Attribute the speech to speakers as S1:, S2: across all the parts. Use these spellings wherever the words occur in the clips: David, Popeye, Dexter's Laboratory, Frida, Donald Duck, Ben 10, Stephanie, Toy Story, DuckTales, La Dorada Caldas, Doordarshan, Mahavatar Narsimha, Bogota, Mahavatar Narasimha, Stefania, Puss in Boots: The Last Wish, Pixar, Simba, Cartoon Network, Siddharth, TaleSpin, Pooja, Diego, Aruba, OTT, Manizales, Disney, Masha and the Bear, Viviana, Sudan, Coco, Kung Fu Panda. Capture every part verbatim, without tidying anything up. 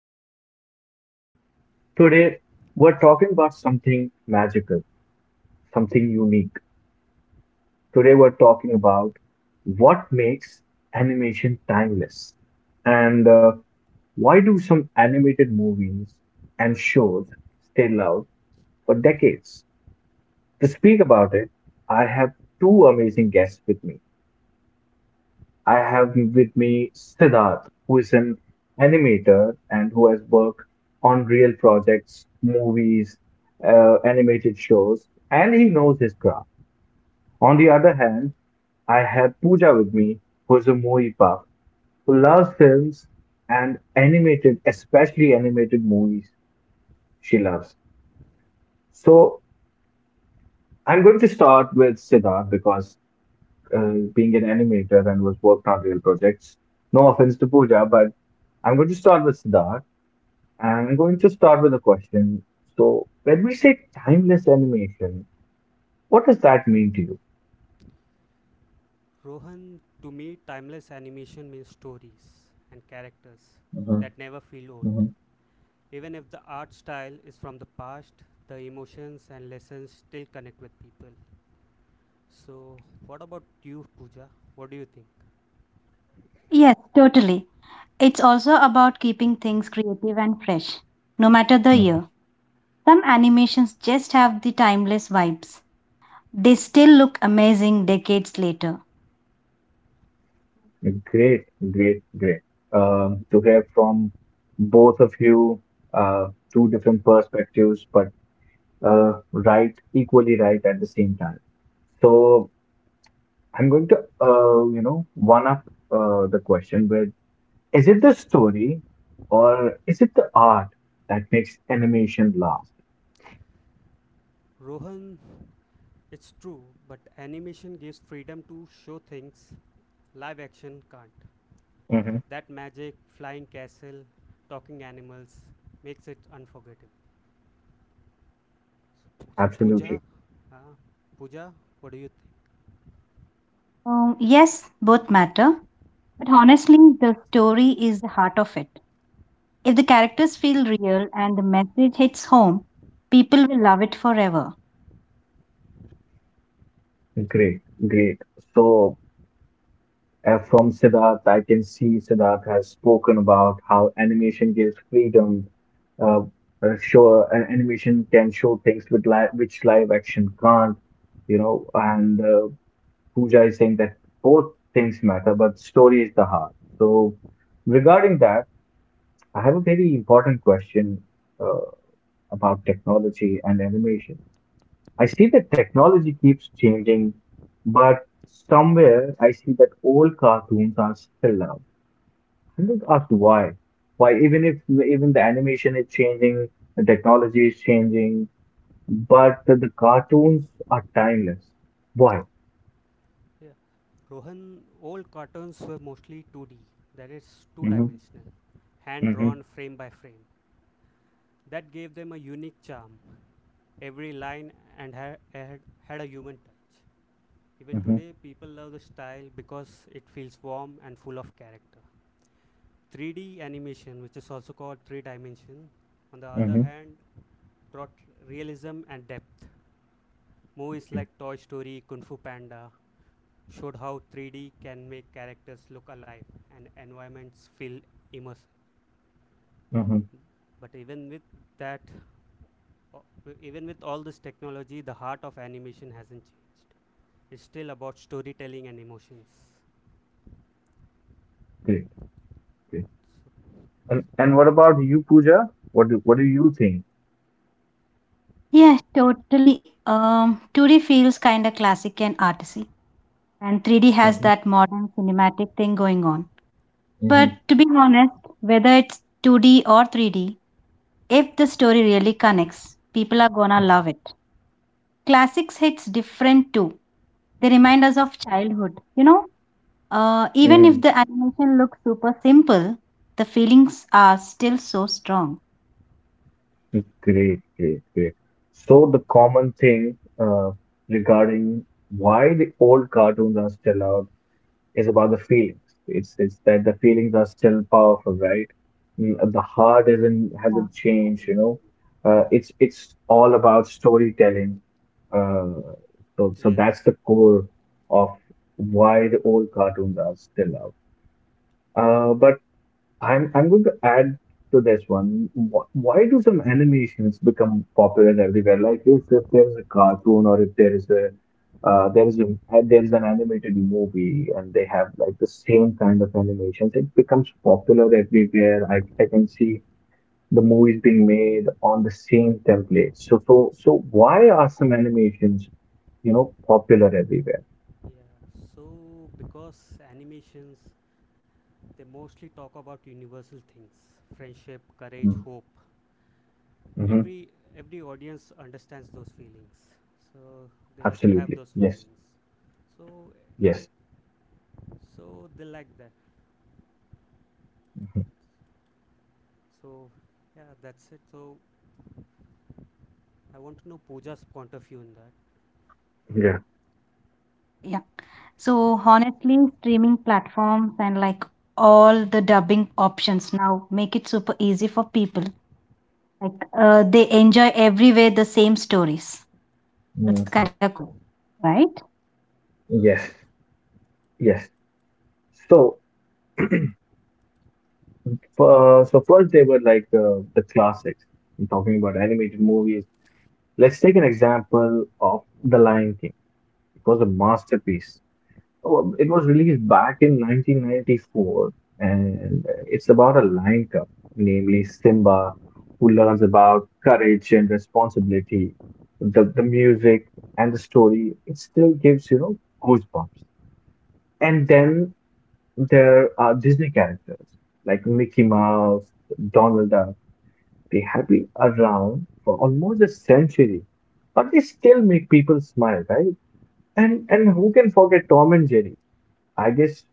S1: podcast. Today, we're talking about something magical, something unique. Today, we're talking about what makes animation timeless and uh, why do some animated movies and shows stay loved for decades. To speak about it, I have two amazing guests with me. I have with me Siddharth, who is an animator and who has worked on real projects, movies, uh, animated shows, and he knows his craft. On the other hand, I have Pooja with me, who is a movie buff, who loves films and animated, especially animated movies, she loves. So I'm going to start with Siddharth because uh, being an animator and was worked on real projects. No offense to Pooja, but I'm going to start with Siddharth and I'm going to start with a question. So, when we say timeless animation, what does that mean to you?
S2: Rohan, to me, timeless animation means stories and characters
S1: hmm
S2: that never feel old.
S1: hmm
S2: Even if the art style is from the past, the emotions and lessons still connect with people. So, what about you, Pooja? What do you think?
S3: Yes, totally. It's also about keeping things creative and fresh, no matter the
S1: hmm
S3: year. Some animations just have the timeless vibes. They still look amazing decades later.
S1: Great, great, great. Um, to hear from both of you, uh, two different perspectives, but uh, right, equally right at the same time. So I'm going to, uh, you know, one up uh, the question with: is it the story or is it the art that makes animation last?
S2: Rohan, it's true, but animation gives freedom to show things live action can't.
S1: Mhm.
S2: That magic, flying castle, talking animals makes it unforgettable. So, so
S1: Absolutely.
S2: Pooja, uh, Pooja, what do you think?
S3: Um, yes, both matter, but honestly, the story is the heart of it. If the characters feel real and the message hits home, people will love it forever.
S1: Great, great. So, uh, from Siddharth, I can see Siddharth has spoken about how animation gives freedom. Uh, uh, show uh, Animation can show things with li which live action can't, you know, and uh, Pooja is saying that both things matter, but story is the heart. So, regarding that, I have a very important question uh, about technology and animation. I see that technology keeps changing, but somewhere I see that old cartoons are still loved. I'm going to ask why. Why, even if even the animation is changing, the technology is changing, but the, the cartoons are timeless. Why?
S2: Rohan, old cartoons were mostly two D, that is, two
S1: Mm-hmm.
S2: dimensional, hand drawn frame by frame. That gave them a unique charm. Every line and had had, had a human touch. Even
S1: Mm-hmm.
S2: today, people love the style because it feels warm and full of character. three D animation, which is also called three dimension, on the other
S1: Mm-hmm.
S2: hand, brought realism and depth. Movies like Toy Story, Kung Fu Panda, showed how three D can make characters look alive and environments feel immersive.
S1: Mm-hmm.
S2: But even with that, even with all this technology, the heart of animation hasn't changed. It's still about storytelling and emotions.
S1: Great.
S2: So,
S1: Great. And and what about you, Pooja? What do what do you think?
S3: Yeah, totally. Um, two D feels kind of classic and artsy, and three D has
S1: hmm
S3: that modern cinematic thing going on.
S1: hmm
S3: But to be honest, whether it's two D or three D, if the story really connects, people are gonna love it. Classics hits different too. They remind us of childhood. You know, uh, even if
S1: Mm-hmm.
S3: the animation looks super simple, the feelings are still so strong.
S1: Great, great, great. So the common thing uh, regarding why the old cartoons are still out is about the feelings. It's it's that the feelings are still powerful, right? Mm, uh, The heart
S2: so,
S1: isn't
S3: Yeah.
S1: hasn't changed, you know. Uh, it's it's all about storytelling. Uh, so so
S2: yes.
S1: that's the core of why the old cartoons are still out. Uh, but I'm I'm going to add to this one. Wh- Why do some animations become popular everywhere? Like if, if there is a cartoon or if there is a uh, there is a there is an animated movie and they have like the same kind of animations, it becomes popular everywhere. I I can see the movies being made on the same template. So so so why are some animations you know popular everywhere?
S2: Yeah. So because animations, they mostly talk about universal things: friendship, courage,
S1: Mm-hmm.
S2: hope,
S1: Mm-hmm.
S2: every every audience understands those feelings, so they also have
S1: Absolutely.
S2: those
S1: Yes.
S2: feelings, so
S1: Yes.
S2: so they like that.
S1: Mhm.
S2: So yeah, that's it. So I want to know Pooja's point of view in that.
S3: Yeah. So honestly, streaming platforms and like all the dubbing options now make it super easy for people. Like uh, they enjoy everywhere the same stories.
S1: Yeah.
S3: It's kind of cool, right?
S1: Yes, yes. So, uh, so first they were like uh, the classics. I'm talking about animated movies. Let's take an example of The Lion King. It was a masterpiece. Oh, it was released back in nineteen ninety-four, and it's about a lion cub, namely Simba, who learns about courage and responsibility. The the music and the story, it still gives, you know, goosebumps. And then there are Disney characters like Mickey Mouse, Donald Duck. They have been around for almost a century, but they still make people smile, right? And and who can forget Tom and Jerry? I guess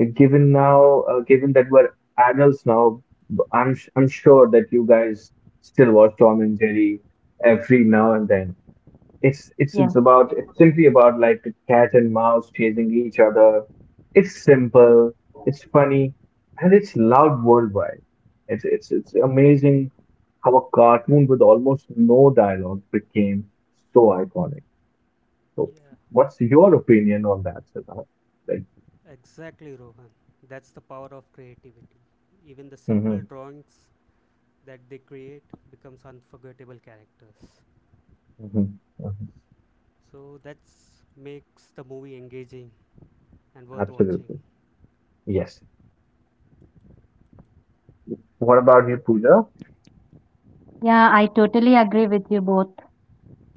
S1: uh, given now, uh, given that we're adults now, b- I'm s- I'm sure that you guys still watch Tom and Jerry every now and then it's it's
S3: Yeah.
S1: it's about it's simply about like a cat and mouse chasing each other. It's simple, it's funny, and it's loud worldwide. It's it's it's amazing how a cartoon with almost no dialogue became so iconic. So,
S2: Yeah,
S1: what's your opinion on that, Siddharth? Like,
S2: exactly, Rohan. That's the power of creativity. Even the simple
S1: hmm
S2: drawings that they create becomes unforgettable characters.
S1: hmm
S2: So that's makes the movie engaging and worth watching.
S1: Absolutely. Yes. What
S2: Poo-
S1: about you, Pooja?
S3: Yeah, I totally agree with you both.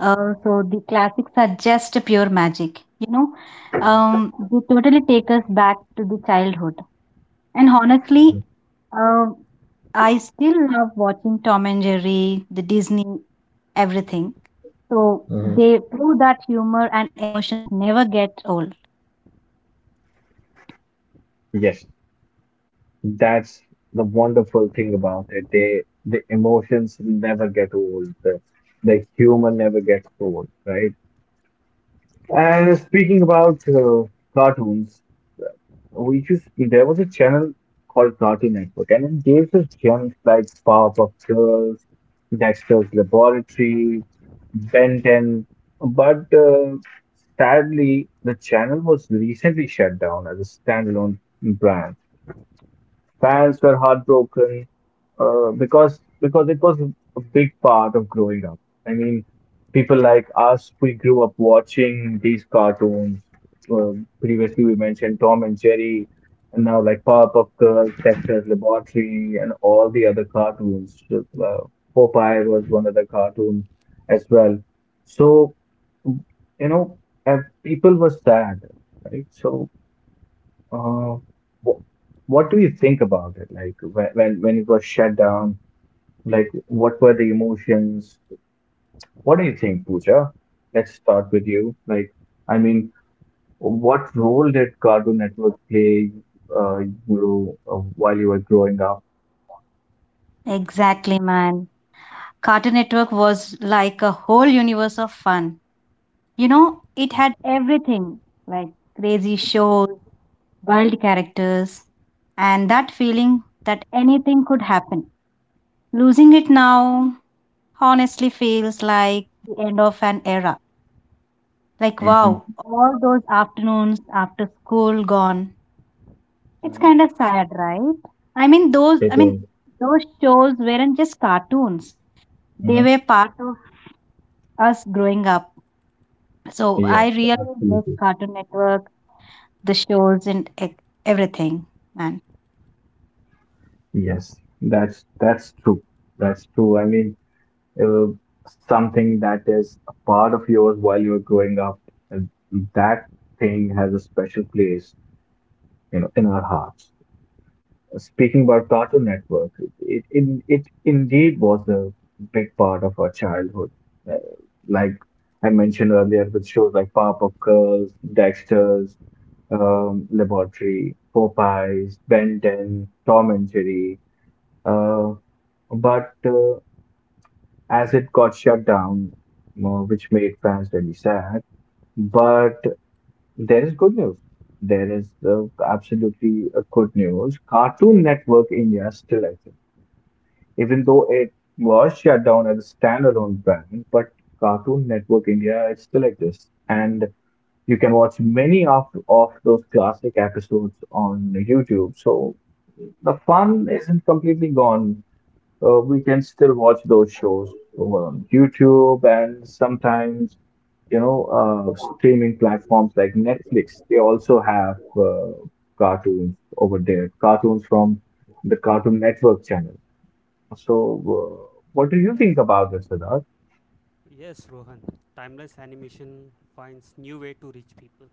S3: Uh, so the classics are just pure magic, you know. Um, they totally take us back to the childhood. And honestly, uh, I still love watching Tom and Jerry, the Disney, everything. So
S1: hmm
S3: they prove that humor and emotions never get old.
S1: That's the wonderful thing about it. They the emotions never get old. The, the humor never gets old, right? And speaking about uh, cartoons, uh, we just there was a channel called Cartoon Network, and it gave us gems like Powerpuff Girls, Dexter's Laboratory, Ben ten. But uh, sadly, the channel was recently shut down as a standalone brand. Fans were heartbroken uh, because because it was a big part of growing up. I mean, people like us, we grew up watching these cartoons. Uh, Previously, we mentioned Tom and Jerry, and now like Powerpuff Girls, Dexter's Laboratory, and all the other cartoons. Uh, Popeye was one of the cartoons as well. So, you know, and people were sad, right? So uh, wh- what do you think about it? Like when when when it was shut down, like what were the emotions? What do you think, Pooja? Let's start with you. Like, I mean, what role did Cartoon Network play uh, you uh, while you were growing up?
S3: Exactly, man. Cartoon Network was like a whole universe of fun. You know, it had everything like crazy shows, wild characters, and that feeling that anything could happen. Losing it now honestly feels like the end of an era. Like,
S1: Mm-hmm.
S3: wow, all those afternoons after school gone. It's
S1: Mm.
S3: kind of sad, right? I mean, those, I
S1: It
S3: mean,
S1: is.
S3: those shows weren't just cartoons. They
S1: Mhm.
S3: were part of us growing up. So I
S1: Yes,
S3: really miss
S1: absolutely.
S3: Cartoon Network, the shows, and e- everything, man.
S1: Yes, that's that's true. That's true. I mean. uh, Something that is a part of yours while you're growing up, and that thing has a special place, you know, in our hearts. Speaking about Cartoon Network, it it, it indeed was a big part of our childhood. Uh, like I mentioned earlier, with shows like Powerpuff Girls, Dexter's, um, Laboratory, Popeyes, Ben ten, Tom and Jerry. Uh, but uh, As it got shut down, uh, which made fans really sad. But there is good news. There is uh, absolutely uh, good news. Cartoon Network India still exists, even though it was shut down as a standalone brand. But Cartoon Network India it still exists, and you can watch many of of those classic episodes on YouTube. So the fun isn't completely gone uh, we can still watch those shows over on YouTube and sometimes, you know, uh, streaming platforms like Netflix. They also have uh, cartoons over there, cartoons from the Cartoon Network channel. So, uh, what do you
S2: yes.
S1: think about this, Siddharth?
S2: Yes, Rohan. Timeless animation finds new way to reach people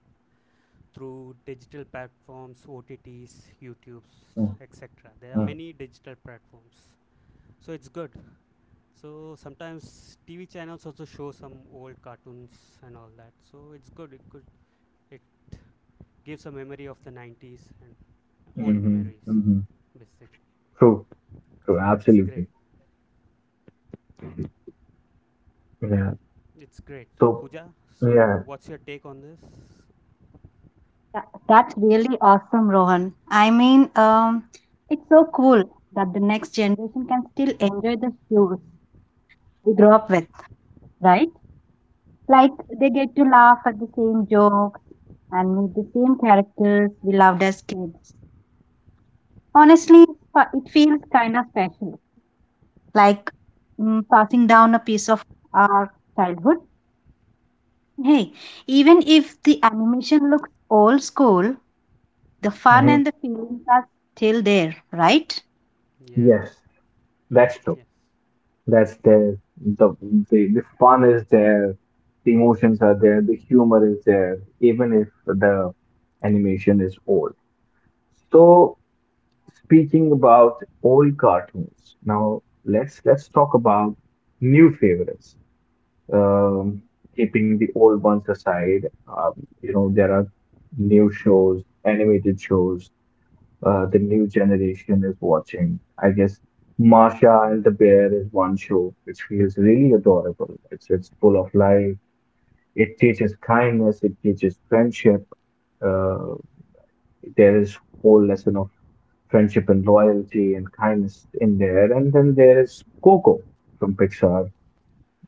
S2: through digital platforms, O T Ts, YouTubes,
S1: Mm-hmm.
S2: et cetera. There are many digital platforms. So it's good. So sometimes T V channels also show some old cartoons and all that. So it's good. It could it gives a memory of the nineties and old memories
S1: hmm
S2: basically.
S1: True, true,
S2: So that's great.
S1: absolutely. Yeah.
S2: It's great.
S1: So,
S2: Pooja, so
S1: yeah.
S2: what's your take on this?
S3: Tha- That's really awesome, Rohan. I mean, um, it's so cool that the next generation can still enjoy the shows we grew up with, right? Like they
S2: Yeah.
S3: get to laugh at the same jokes and meet the same characters we loved as kids. Honestly, fa- it feels kind of special, like mm, passing down a piece of our childhood. Hey, even if the animation looks old school, the fun
S1: hmm
S3: and the feelings are still there, right?
S2: Yeah.
S1: Yes, that's true.
S2: Yes.
S1: That's there. The, the the fun is there, the emotions are there, the humor is there, even if the animation is old. So speaking about old cartoons, now let's let's talk about new favorites. Um, Keeping the old ones aside, um, you know, there are new shows, animated shows uh, the new generation is watching. I guess Marsha and the Bear is one show which feels really adorable. It's it's full of life. It teaches kindness. It teaches friendship. Uh, there is whole lesson of friendship and loyalty and kindness in there. And then there is Coco from Pixar.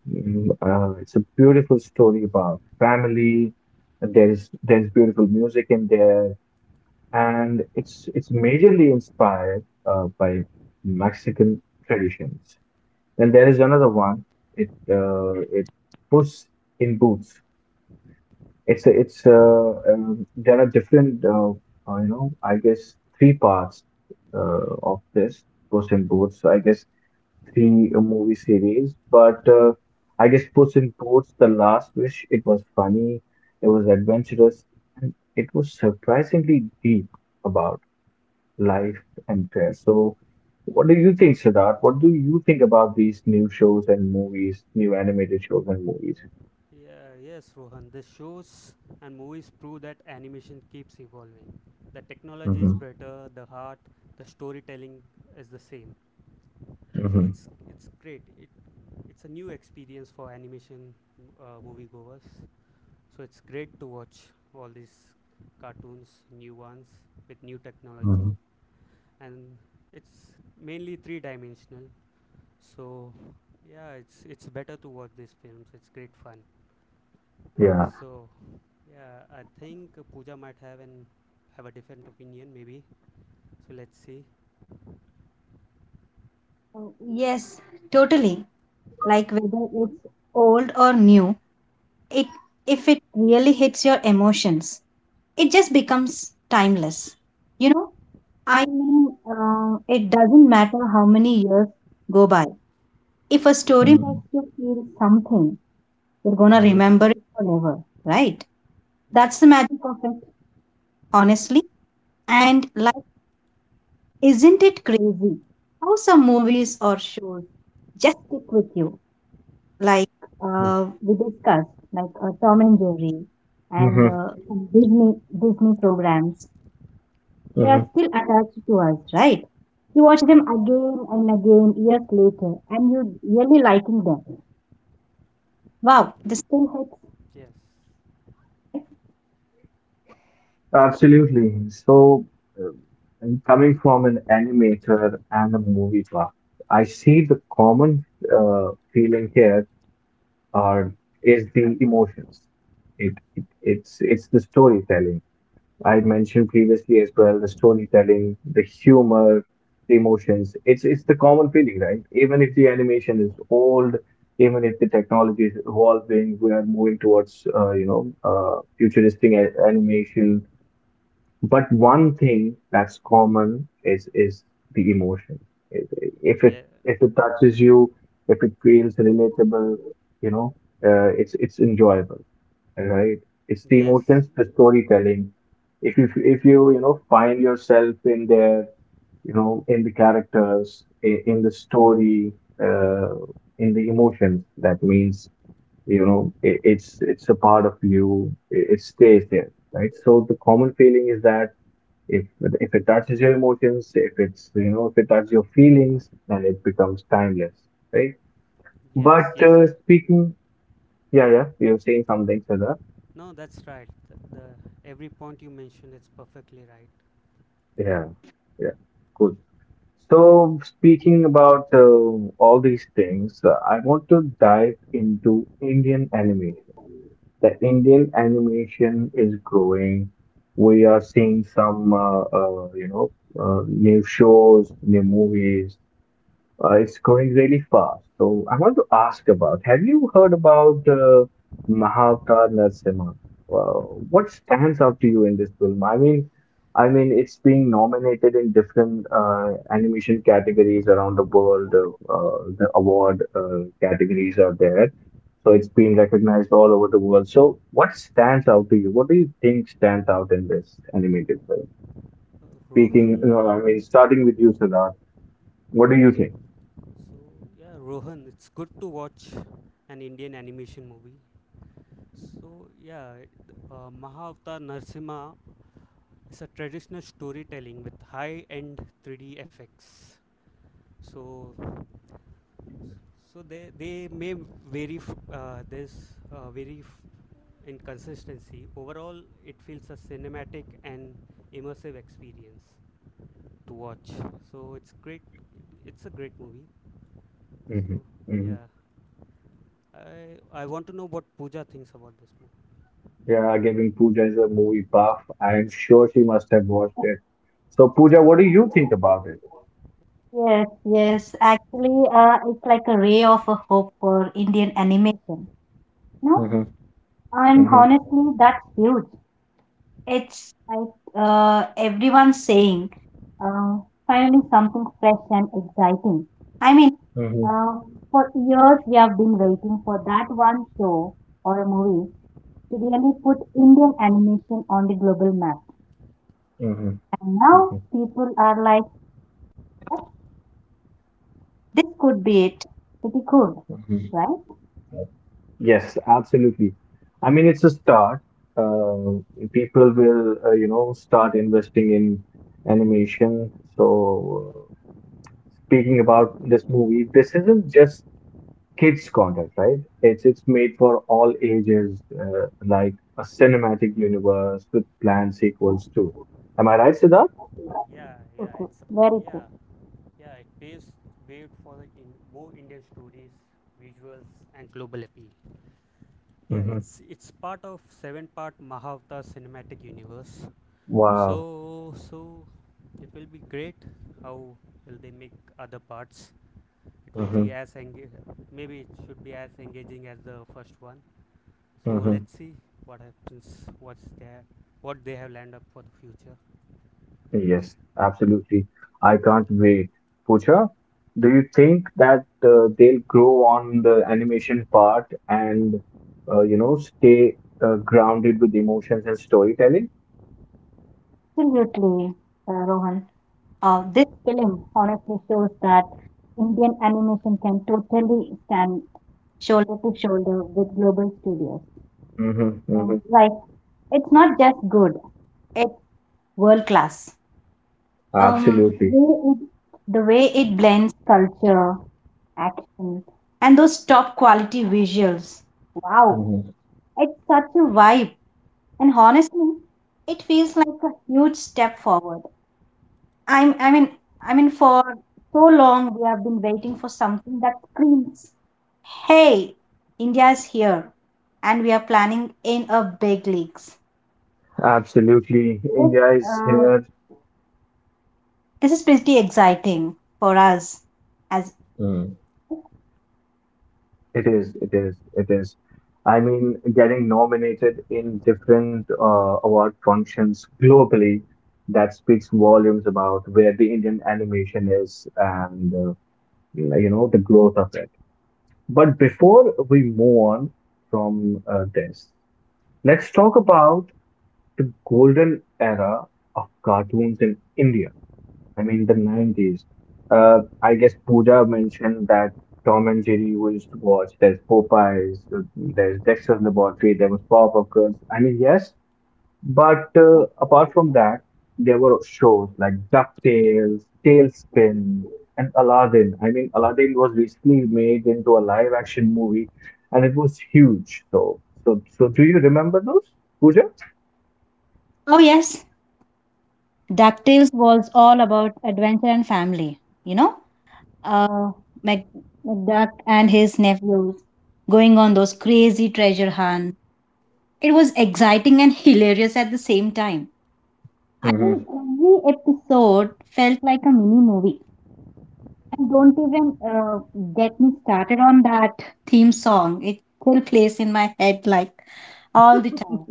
S1: Mm, Uh, it's a beautiful story about family. There's there's beautiful music in there and it's it's majorly inspired uh, by Mexican traditions. Then there is another one. It uh, it's Puss in Boots. It's a, it's uh, um, There are different uh, uh, you know I guess three parts uh, of this Puss in Boots. I guess three uh, movie series, but uh, I guess Puss in Boots: The Last Wish. It was funny. It was adventurous, and it was surprisingly deep about life and fair. So, what do you think, Siddharth? What do you think about these new shows and movies, new animated shows and movies?
S2: Yeah, yeah, yes, Rohan. The shows and movies prove that animation keeps evolving. The technology is
S1: Mm-hmm.
S2: better, the heart, the storytelling is the same. So
S1: Mm-hmm.
S2: it's it's great. It it's a new experience for animation uh, moviegoers. So it's great to watch all these cartoons, new ones with new technology,
S1: Mm-hmm.
S2: and it's mainly three dimensional. So yeah, it's it's better to watch these films. It's great fun.
S1: Yeah,
S2: So, yeah, I think Pooja might have an have a different opinion, maybe. So let's see.
S3: Oh, yes, totally. Like whether it's old or new, it if it really hits your emotions, it just becomes timeless. You know, I mean, uh, it doesn't matter how many years go by. If a story
S1: Mm-hmm.
S3: makes you feel something, you're gonna remember it forever, right? That's
S2: Yeah.
S3: the magic of it, honestly. And like, isn't it crazy how some movies or shows just stick with you? Like uh, we discussed, like uh, Tom and Jerry and
S1: Mm-hmm.
S3: uh, some Disney Disney programs, they are
S1: Mm-hmm.
S3: still attached to us, right? You watch them
S2: Yeah.
S3: again and again years later, and you really liking them. Wow, this still hits.
S2: Yes.
S1: absolutely. So, uh, and coming from an animator and a movie buff, I see the common uh, feeling here are is the emotions. It, it it's it's the storytelling. I mentioned previously as well, the storytelling, the humor, the emotions. It's it's the common feeling, right? Even if the animation is old, even if the technology is evolving, we are moving towards uh, you know uh, futuristic a- animation. But one thing that's common is is the emotion. If if
S2: Yeah.
S1: it if it touches you, if it feels relatable, you know, uh, it's it's enjoyable right? It's the
S2: Yes.
S1: emotions, the storytelling. If you if you you know find yourself in there, you know in the characters, i- in the story, uh, in the emotions, that means you know i- it's it's a part of you. i- It stays there, right? So the common feeling is that if if it touches your emotions, if it's you know if it touches your feelings, then it becomes timeless, right?
S2: Yes.
S1: But
S2: Yes.
S1: uh, speaking, yeah, yeah, you're saying something, Sada.
S2: No, that's right. The, the every point you mentioned, it's perfectly right.
S1: Yeah, yeah, cool. So, speaking about uh, all these things, uh, I want to dive into Indian animation. The Indian animation is growing. We are seeing some, uh, uh, you know, uh, new shows, new movies, uh, it's growing really fast. So I want to ask about, have you heard about uh, Mahavatar Narasimha? Uh, what stands out to you in this film? I mean, I mean, it's being nominated in different uh, animation categories around the world. Uh, uh, the award uh, categories are there, so it's been recognized all over the world. So, what stands out to you? What do you think stands out in this animated film?
S2: Uh,
S1: Speaking,
S2: Rohan.
S1: no, I mean, starting with you, Siddharth, what do
S2: Yeah.
S1: you think?
S2: So yeah, Rohan. It's good to watch an Indian animation movie. So yeah, it- uh, Mahavatar Narsimha is a traditional storytelling with high-end three D effects. So so they they may vary f- uh, this uh, vary f- in consistency. Overall it feels a cinematic and immersive experience to watch. So it's great, it's a great movie.
S1: Mhm.
S2: So
S1: Mhm.
S2: yeah, i i want to know what Pooja thinks about this movie.
S1: Yeah, giving Pooja is a movie buff. I am sure she must have watched it. So, Pooja, what do you think about it?
S3: Yes, yes. Actually, uh, it's like a ray of a hope for Indian animation. No,
S1: Hmm.
S3: and
S1: Hmm.
S3: honestly, that's huge. It's like uh, everyone saying, uh, finally something fresh and exciting. I mean,
S1: Hmm.
S3: uh, for years we have been waiting for that one show or a movie to really put Indian animation on the global map.
S1: Hmm.
S3: And now
S1: Hmm.
S3: people are like, "Oh, this could be it. Pretty cool,
S1: Hmm.
S3: right?
S1: Yes, absolutely. I mean, it's a start. Uh, People will, uh, you know, start investing in animation. So, uh, speaking about this movie, this isn't just kids content, right? It's it's made for all ages, uh, like a cinematic universe with planned
S3: Yeah,
S1: sequels too. Am I right, Siddharth?
S2: yeah yeah
S3: okay,
S2: it's
S3: very
S2: yeah
S3: true.
S2: yeah, it paves way for the in, more Indian stories, visuals and global appeal. Yeah,
S1: Hmm.
S2: it's it's part of seven part Mahavata cinematic universe. So
S1: Wow.
S2: so it will be great how will they make other parts. It will be
S1: Hmm.
S2: as engage Maybe it should be as engaging as the first one. So
S1: Hmm.
S2: let's see what happens, what's there what they have lined up for the future.
S1: Yes, absolutely. I can't wait. Pooja, do you think that uh, they'll grow on the animation part and uh, you know stay uh, grounded with emotions and storytelling?
S3: Absolutely, uh, Rohan. Uh, this film honestly shows that Indian animation can totally stand shoulder to shoulder with global studios.
S1: Hmm.
S3: Um,
S1: Hmm.
S3: like it's not just good; it's world class. Um, the
S1: Absolutely.
S3: way it, the way it blends culture, action, and those top quality visuals. Wow,
S1: Hmm.
S3: it's such a vibe, and honestly, it feels like a huge step forward. I'm, I mean, I mean, for so long we have been waiting for something that screams, "Hey, India is here!" and we are planning in a big leagues.
S1: Absolutely.
S3: This
S1: India is
S3: uh,
S1: here.
S3: this is pretty exciting for us. As
S1: It is, it is, it is. I mean, getting nominated in different uh, award functions globally, that speaks volumes about where the Indian animation is and uh, you know the growth of it. But before we move on from uh, this, let's talk about the golden era of cartoons in India. I mean, the nineties. Uh, I guess Pooja mentioned that Tom and Jerry we used to watch. There's Popeyes, uh, there's Dexter's Laboratory, there was Powerpuff Girls. I mean, yes, but uh, apart from that, there were shows like DuckTales, Tailspin, and Aladdin. I mean, Aladdin was recently made into a live-action movie, and it was huge. So, so, so, do you remember those, Pooja?
S3: oh yes, Ducktales was all about adventure and family. You know, uh, Mac Macduck and his nephews going on those crazy treasure hunts. It was exciting and hilarious at the same time. I mean,
S1: Hmm.
S3: every episode felt like a mini movie. And don't even uh, get me started on that theme song. It still plays in my head like all the time.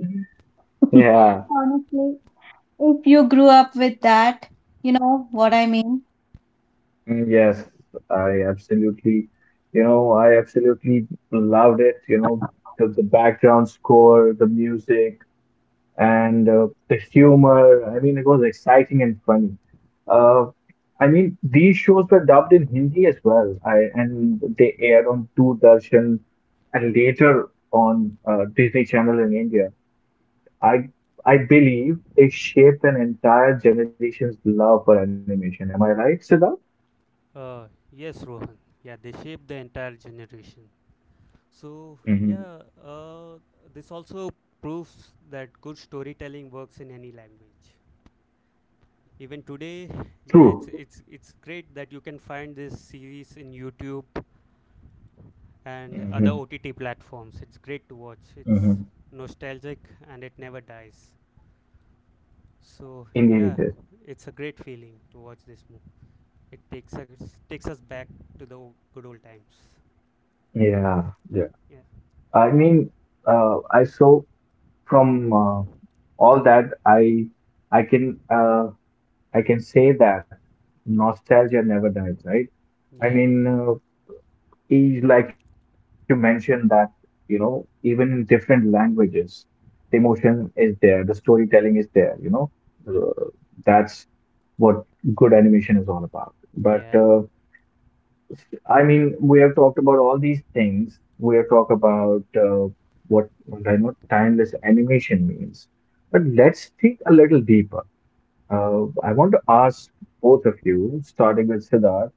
S1: Yeah.
S3: Honestly, if you grew up with that, you know what I mean?
S1: Mm. Yes, I absolutely, you know, I absolutely loved it. You know, the, the background score, the music, and uh, the humor. I mean, it was exciting and funny. Uh, I mean, these shows were dubbed in Hindi as well. I and they aired on Doordarshan and later on uh, Disney Channel in India. I I believe they shaped an entire generation's love for animation. Am I right, Siddharth?
S2: Uh yes, Rohan. Yeah, they shape the entire generation. So
S1: Hmm.
S2: yeah, uh, this also proves that good storytelling works in any language. Even today, yeah,
S1: True.
S2: it's it's it's great that you can find this series in YouTube and
S1: Hmm.
S2: other OTT platforms. It's great to watch. It's
S1: Hmm.
S2: nostalgic and it never dies. So
S1: Indeed,
S2: yeah,
S1: it is.
S2: it's a great feeling to watch this movie. It takes us takes us back to the o- good old times.
S1: Yeah. Yeah.
S2: Yeah,
S1: I mean, uh, I saw from uh, all that I I can uh, I can say that nostalgia never dies, right? I
S2: yeah.
S1: mean, uh, each like you mentioned that you know even in different languages, the emotion is there, the storytelling is there. You know, Uh, that's what good animation is all about. But
S2: Yeah,
S1: uh, I mean, we have talked about all these things. We have talked about uh, what I know timeless animation means. But let's think a little deeper. Uh, I want to ask both of you, starting with Siddharth,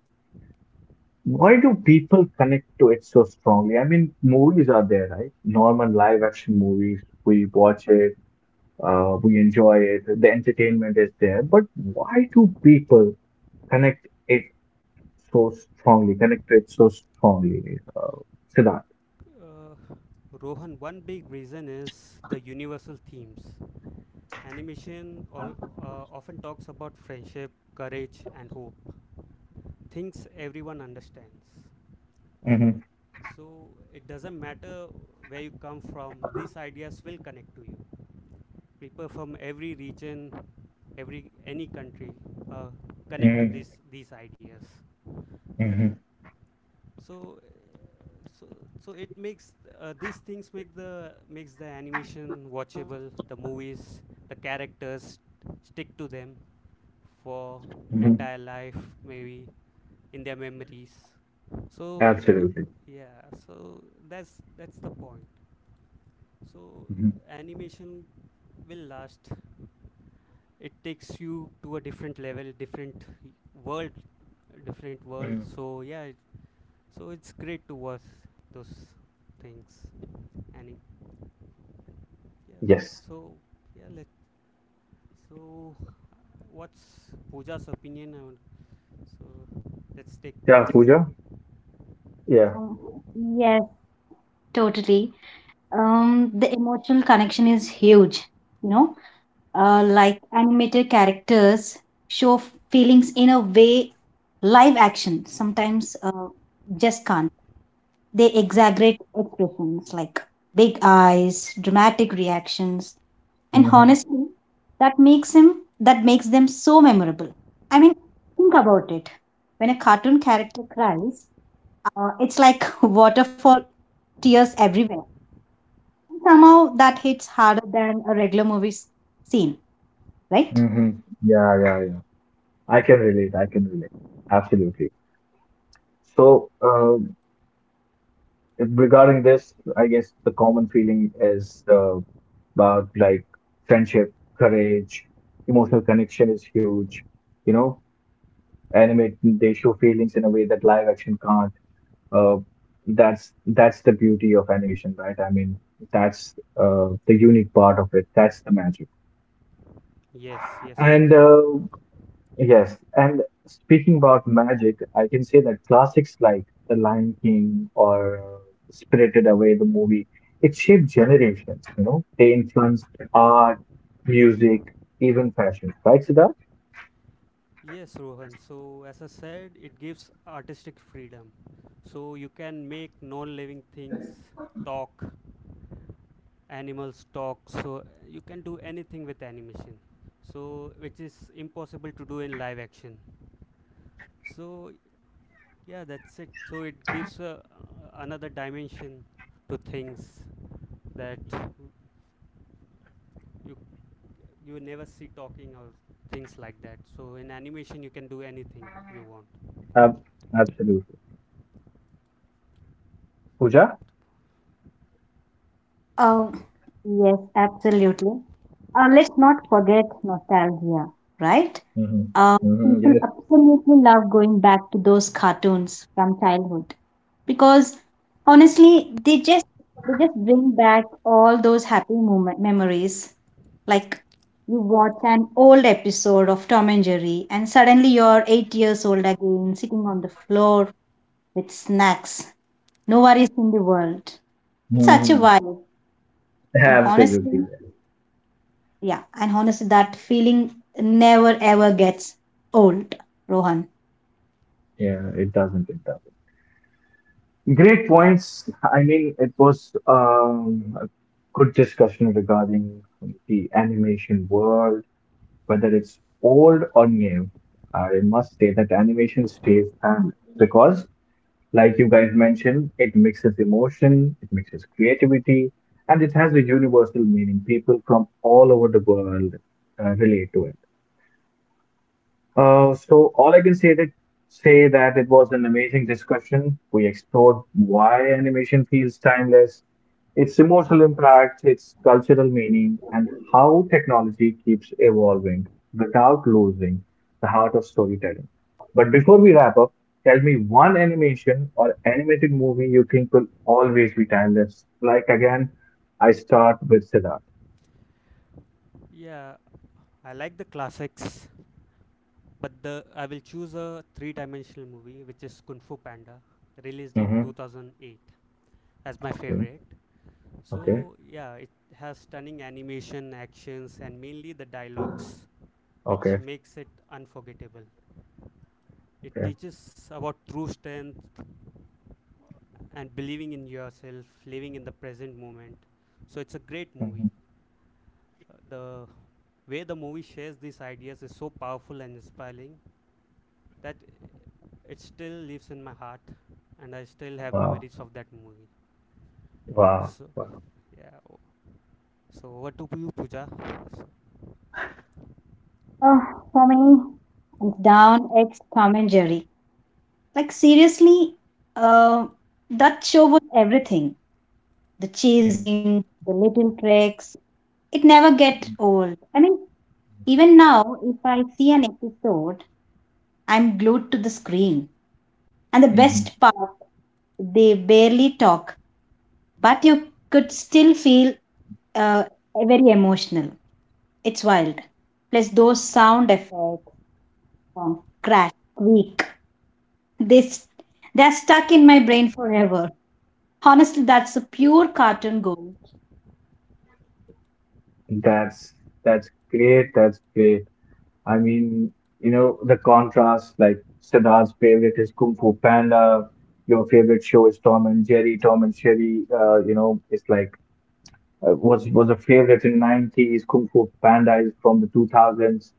S1: why do people connect to it so strongly? I mean, movies are there, right? Normal live action movies, we watch it, uh, we enjoy it, the entertainment is there. But why do people connect? It? So strongly, connected so strongly, uh, Siddharth.
S2: uh, Rohan, one big reason is the universal themes. Animation all, uh, often talks about friendship, courage, and hope. Things everyone understands.
S1: Mm-hmm.
S2: So it doesn't matter where you come from, these ideas will connect to you. People from every region, every any country uh, connect to
S1: Mm-hmm.
S2: these these ideas.
S1: Mm-hmm.
S2: so uh, so so it makes uh, these things make the makes the animation watchable, the movies, the characters stick to them for
S1: Mm-hmm.
S2: entire life maybe, in their memories. So uh,
S1: Absolutely.
S2: yeah, so that's that's the point. so
S1: Mhm.
S2: uh, animation will last. It takes you to a different level, different world, different world.
S1: Mm-hmm.
S2: So yeah, it, so it's great to watch those things. and it- yeah,
S1: Yes.
S2: so yeah let so what's Pooja's opinion on? so let's take
S1: Yeah,
S2: Pooja's
S1: Pooja.
S2: opinion.
S1: Yeah.
S3: Um, yes, totally. Um, the emotional connection is huge, you know, uh, like animated characters show feelings in a way live action sometimes uh, just can't. They exaggerate expressions like big eyes, dramatic reactions, and
S1: Mm-hmm.
S3: honestly, that makes him that makes them so memorable. I mean, think about it. When a cartoon character cries, uh, it's like waterfall tears everywhere. Somehow that hits harder than a regular movie s- scene, right?
S1: Mm-hmm. Yeah, yeah, yeah. I can relate. I can relate. Absolutely. So, um, regarding this, I guess the common feeling is uh, about like friendship, courage, emotional connection is huge, you know, animate they show feelings in a way that live action can't. uh, that's that's the beauty of animation, right? I mean, that's uh, the unique part of it, that's the magic.
S2: Yes yes
S1: And
S2: Rohan.
S1: uh, yes, and speaking about magic, I can say that classics like The Lion King, or uh, Spirited Away, the movie, it shaped generations, you know, they influenced art, music, even fashion, right, Siddharth?
S2: Yes, Rohan. So as I said, it gives artistic freedom. So you can make non living things talk, animals talk. So you can do anything with animation, so which is impossible to do in live action. So yeah, that's it. So it gives a, another dimension to things that you you never see talking or things like that. So in animation you can do anything you want.
S1: Ab- Absolutely, Pooja.
S3: Oh, yes, absolutely. Uh, let's not forget nostalgia, right?
S1: Mm-hmm.
S3: Uh,
S1: Mm-hmm.
S3: People
S1: Yes.
S3: absolutely love going back to those cartoons from childhood because honestly, they just they just bring back all those happy moment memories. Like you watch an old episode of Tom and Jerry, and suddenly you're eight years old again, sitting on the floor with snacks, no worries in the world. It's such a
S1: Hmm.
S3: vibe, and
S1: Absolutely.
S3: honestly, yeah, and honestly, that feeling never ever gets old, Rohan.
S1: Yeah, it doesn't. It doesn't. Great points. I mean, it was um, a good discussion regarding the animation world, whether it's old or new. I must say that animation stays timeless because, like you guys mentioned, it mixes emotion, it mixes creativity, and it has a universal meaning. People from all over the world uh, relate to it. Uh, so all I can say that say that it was an amazing discussion. We explored why animation feels timeless, its emotional impact, its cultural meaning, and how technology keeps evolving without losing the heart of storytelling. But before we wrap up, tell me one animation or animated movie you think will always be timeless. Like again, I start with Siddharth.
S2: Yeah, I like the classics, but the I will choose a three dimensional movie which is Kung Fu Panda, released in
S1: Mm-hmm.
S2: two thousand eight, as my
S1: Okay.
S2: favorite.
S1: Okay.
S2: So yeah, it has stunning animation, actions, and mainly the dialogues, which
S1: Okay.
S2: makes it unforgettable. It
S1: Okay.
S2: teaches about true strength and believing in yourself, living in the present moment. So it's a great movie.
S1: Hmm.
S2: Uh, The way the movie shares these ideas is so powerful and inspiring that it still lives in my heart, and I still have
S1: Wow.
S2: memories of that movie.
S1: Wow.
S2: So yeah, o- so over to you, Pooja. So,
S3: Oh, for me, hands down, it's Tom and Jerry. Like seriously, uh, that show was everything. The
S1: Mhm.
S3: chasing, the little tricks. It never get
S1: Mhm.
S3: old. I mean, even now, if I see an episode, I'm glued to the screen. And the
S1: Mhm.
S3: best part, they barely talk, but you could still feel uh, very emotional. It's wild. Plus those sound effects, song, Crash, Weak. They, st- they're stuck in my brain forever. Honestly, that's a pure cartoon gold.
S1: That's that's great. That's great. I mean, you know, the contrast, like Siddharth's favorite is Kung Fu Panda. Your favorite show is Tom and Jerry. Tom and Jerry, uh, you know, it's like uh, was was a favorite in nineties. Kung Fu Panda is from the two thousands.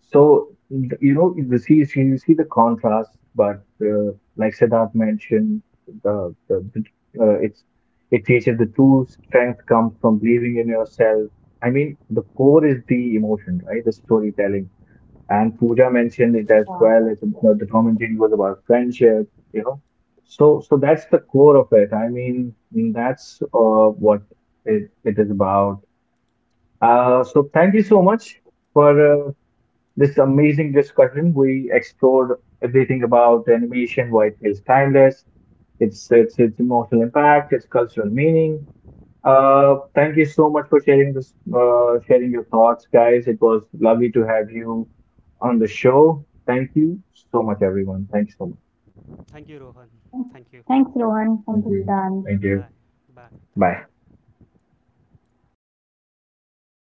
S1: So th- you know you see see- you see the contrast, but uh, like Siddharth mentioned, the, the, the uh, it's it teaches the true strength comes from believing in yourself. I mean, the core is the emotion, right? The storytelling. And Pooja mentioned it as
S3: Yeah.
S1: well. It's, about- the commentary was about friendship, you know. So so that's the core of it. I mean, that's uh, what it, it is about. Uh, so thank you so much for uh, this amazing discussion. We explored everything about animation, why it feels timeless, its its, its emotional impact, its cultural meaning. Uh, thank you so much for sharing this, uh, sharing your thoughts, guys. It was lovely to have you on the show. Thank you so much, everyone. Thanks so much.
S2: thank you, Rohan. Thank you.
S3: Thanks, Rohan. Thank
S1: Thank
S3: you,
S1: you.
S3: Sudan.
S1: Thank you.
S2: Bye. Bye. Thank
S1: Bye.
S2: you.